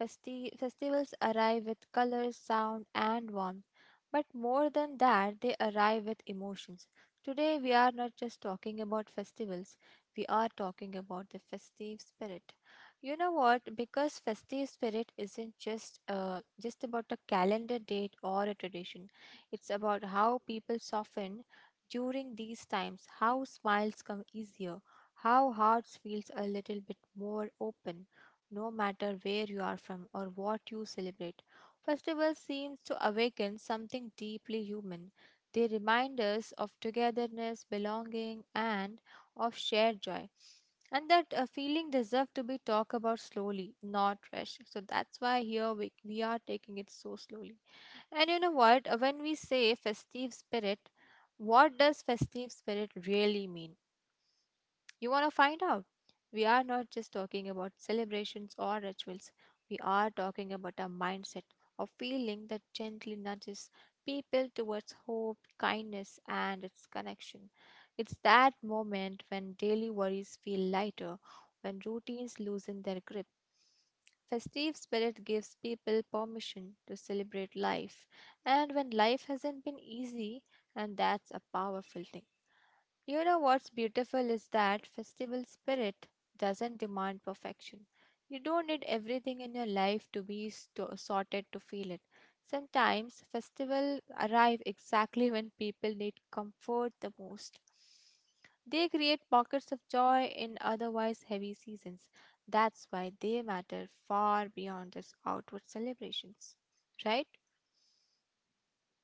[SPEAKER 2] Festivals arrive with colors, sound, and warmth, but more than that, they arrive with emotions. Today, we are not just talking about festivals, we are talking about the festive spirit. You know what? Because festive spirit isn't just about a calendar date or a tradition. It's about how people soften during these times, how smiles come easier, how hearts feels a little bit more open, no matter where you are from or what you celebrate. Festivals seems to awaken something deeply human. They remind us of togetherness, belonging, and of shared joy. And that feeling deserves to be talked about slowly, not rushed. So that's why here we are taking it so slowly. And you know what? When we say festive spirit, what does festive spirit really mean? You want to find out? We are not just talking about celebrations or rituals, we are talking about a mindset, a feeling that gently nudges people towards hope, kindness, and its connection. It's that moment when daily worries feel lighter, when routines loosen their grip. Festive spirit gives people permission to celebrate life, and when life hasn't been easy, and that's a powerful thing. You know what's beautiful is that festival spirit doesn't demand perfection. You don't need everything in your life to be sorted to feel it. Sometimes festivals arrive exactly when people need comfort the most. They create pockets of joy in otherwise heavy seasons. That's why they matter far beyond just outward celebrations, right?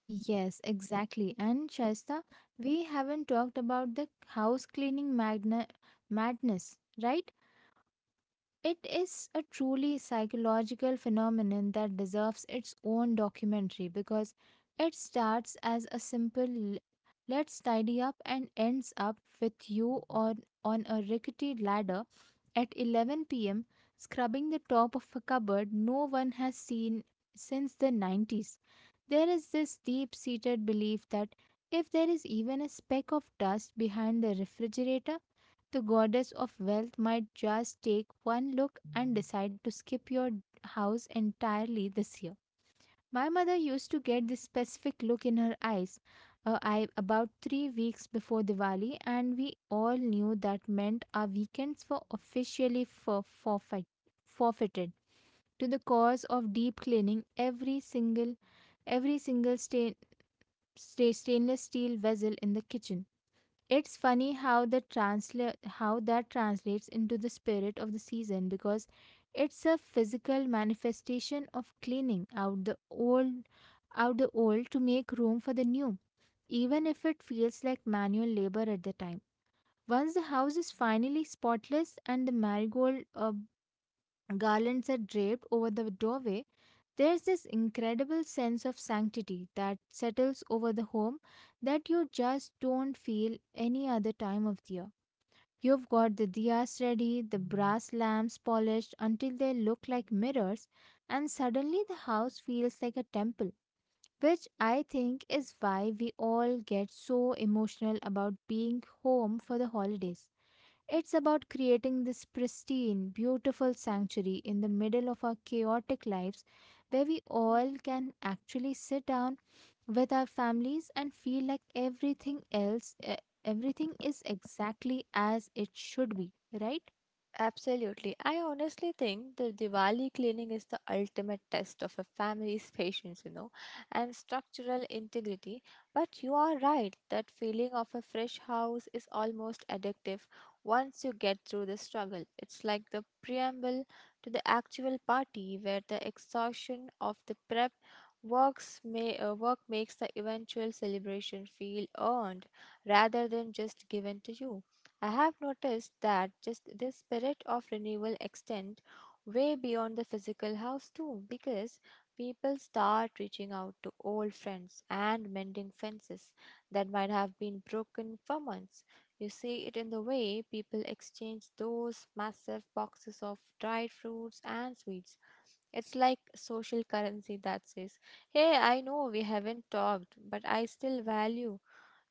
[SPEAKER 1] Yes, exactly. And Shaista, we haven't talked about the house cleaning madness, right? It is a truly psychological phenomenon that deserves its own documentary, because it starts as a simple let's tidy up and ends up with you on a rickety ladder at 11 p.m., scrubbing the top of a cupboard no one has seen since the 90s. There is this deep seated belief that if there is even a speck of dust behind the refrigerator, the goddess of wealth might just take one look and decide to skip your house entirely this year. My mother used to get this specific look in her eyes, about 3 weeks before Diwali, and we all knew that meant our weekends were officially forfeited to the cause of deep cleaning every single stain, stainless steel vessel in the kitchen. It's funny how that translates into the spirit of the season, because it's a physical manifestation of cleaning out the old to make room for the new, even if it feels like manual labor at the time. Once the house is finally spotless and the marigold garlands are draped over the doorway, there's this incredible sense of sanctity that settles over the home that you just don't feel any other time of the year. You've got the diyas ready, the brass lamps polished until they look like mirrors, and suddenly the house feels like a temple, which I think is why we all get so emotional about being home for the holidays. It's about creating this pristine, beautiful sanctuary in the middle of our chaotic lives, where we all can actually sit down with our families and feel like everything is exactly as it should be, right?
[SPEAKER 2] Absolutely. I honestly think the Diwali cleaning is the ultimate test of a family's patience, you know, and structural integrity. But you are right, that feeling of a fresh house is almost addictive once you get through the struggle. It's like the preamble to the actual party where the exhaustion of the prep work makes the eventual celebration feel earned rather than just given to you. I have noticed that just this spirit of renewal extends way beyond the physical house too, because people start reaching out to old friends and mending fences that might have been broken for months. You see it in the way people exchange those massive boxes of dried fruits and sweets. It's like social currency that says, "Hey, I know we haven't talked, but I still value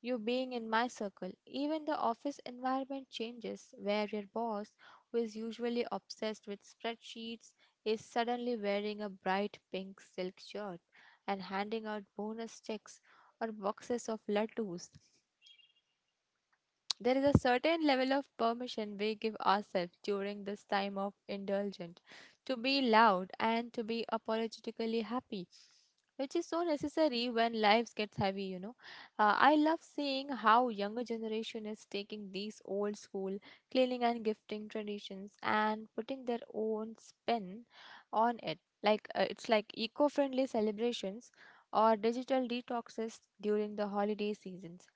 [SPEAKER 2] you being in my circle." Even the office environment changes, where your boss, who is usually obsessed with spreadsheets, is suddenly wearing a bright pink silk shirt and handing out bonus checks or boxes of lattes. There is a certain level of permission we give ourselves during this time of indulgence to be loud and to be apologetically happy, which is so necessary when lives gets heavy, you know. I love seeing how younger generation is taking these old school cleaning and gifting traditions and putting their own spin on it. It's like eco-friendly celebrations or digital detoxes during the holiday seasons.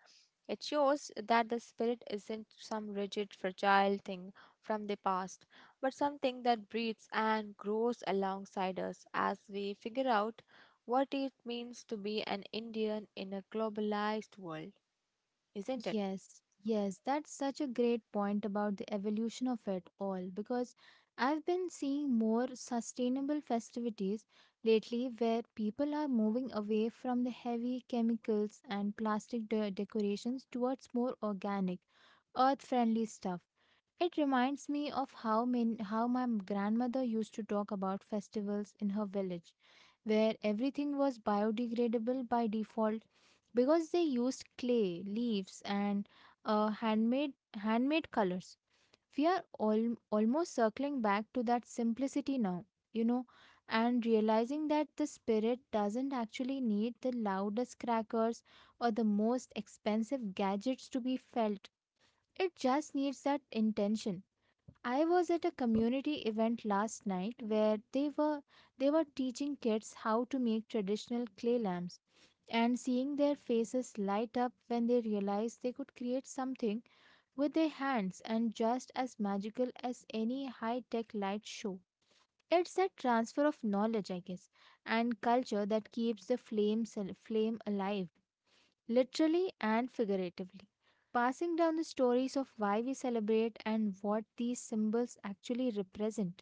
[SPEAKER 2] It shows that the spirit isn't some rigid, fragile thing from the past, but something that breathes and grows alongside us as we figure out what it means to be an Indian in a globalized world, isn't it?
[SPEAKER 1] Yes yes that's such a great point about the evolution of it all, because I've been seeing more sustainable festivities lately, where people are moving away from the heavy chemicals and plastic decorations towards more organic, earth friendly stuff. It reminds me of how my grandmother used to talk about festivals in her village, where everything was biodegradable by default because they used clay, leaves, and uh, handmade handmade colors. We are all almost circling back to that simplicity now, you know, and realizing that the spirit doesn't actually need the loudest crackers or the most expensive gadgets to be felt. It just needs that intention. I was at a community event last night where they were teaching kids how to make traditional clay lamps, and seeing their faces light up when they realized they could create something with their hands and just as magical as any high-tech light show. It's that transfer of knowledge, I guess, and culture that keeps the flame alive, literally and figuratively, passing down the stories of why we celebrate and what these symbols actually represent.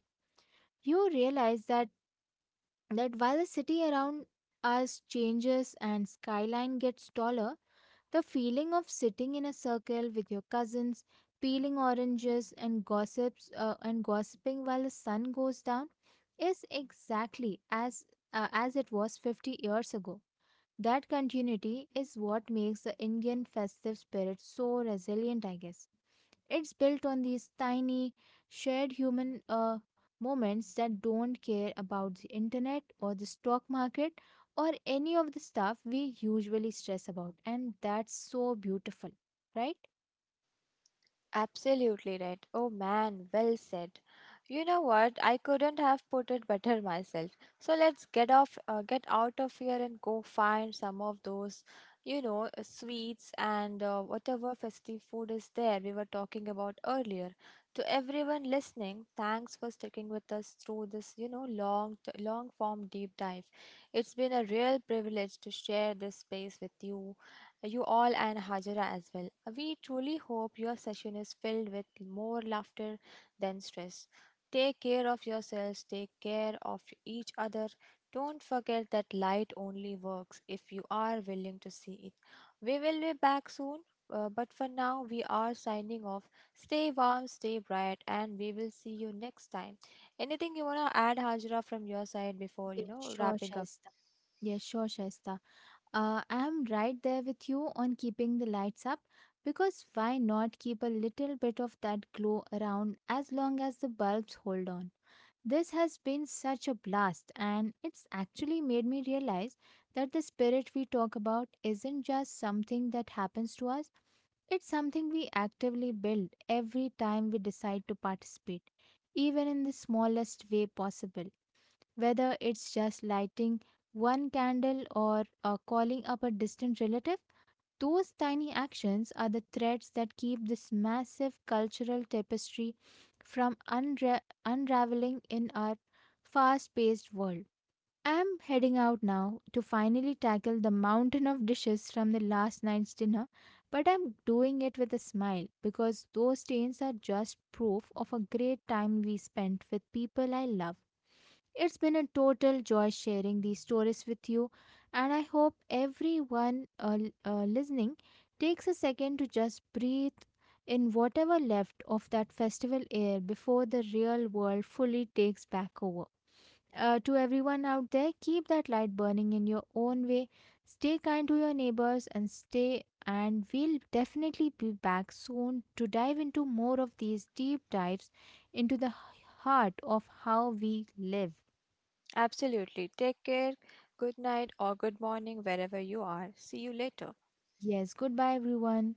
[SPEAKER 1] You realize that while the city around us changes and skyline gets taller, the feeling of sitting in a circle with your cousins, peeling oranges and gossips and gossiping while the sun goes down, is exactly as it was 50 years ago. That continuity is what makes the Indian festive spirit so resilient, I guess. It's built on these tiny, shared human moments that don't care about the internet or the stock market or any of the stuff we usually stress about. And that's so beautiful, right?
[SPEAKER 2] Absolutely right. Oh man, well said. You know what? I couldn't have put it better myself. So get out of here and go find some of those, sweets and whatever festive food is there we were talking about earlier. To everyone listening, thanks for sticking with us through this, you know, long form deep dive. It's been a real privilege to share this space with you all and Hajara as well. We truly hope your session is filled with more laughter than stress. Take care of yourselves, take care of each other. Don't forget that light only works if you are willing to see it. We will be back soon, but for now, we are signing off. Stay warm, stay bright, and we will see you next time. Anything you want to add, Hajra, from your side before,
[SPEAKER 1] Yes, sure,
[SPEAKER 2] wrapping up?
[SPEAKER 1] Shaista. Yes, sure, Shaista. I'm right there with you on keeping the lights up, because why not keep a little bit of that glow around as long as the bulbs hold on? This has been such a blast, and it's actually made me realize that the spirit we talk about isn't just something that happens to us, it's something we actively build every time we decide to participate, even in the smallest way possible, whether it's just lighting one candle or calling up a distant relative. Those tiny actions are the threads that keep this massive cultural tapestry from unraveling in our fast paced world. I'm heading out now to finally tackle the mountain of dishes from the last night's dinner, but I'm doing it with a smile because those stains are just proof of a great time we spent with people I love. It's been a total joy sharing these stories with you, and I hope everyone listening takes a second to just breathe in whatever left of that festival air before the real world fully takes back over. To everyone out there, keep that light burning in your own way. Stay kind to your neighbors and we'll definitely be back soon to dive into more of these deep dives into the heart of how we live.
[SPEAKER 2] Absolutely. Take care. Good night or good morning, wherever you are. See you later.
[SPEAKER 1] Yes, goodbye, everyone.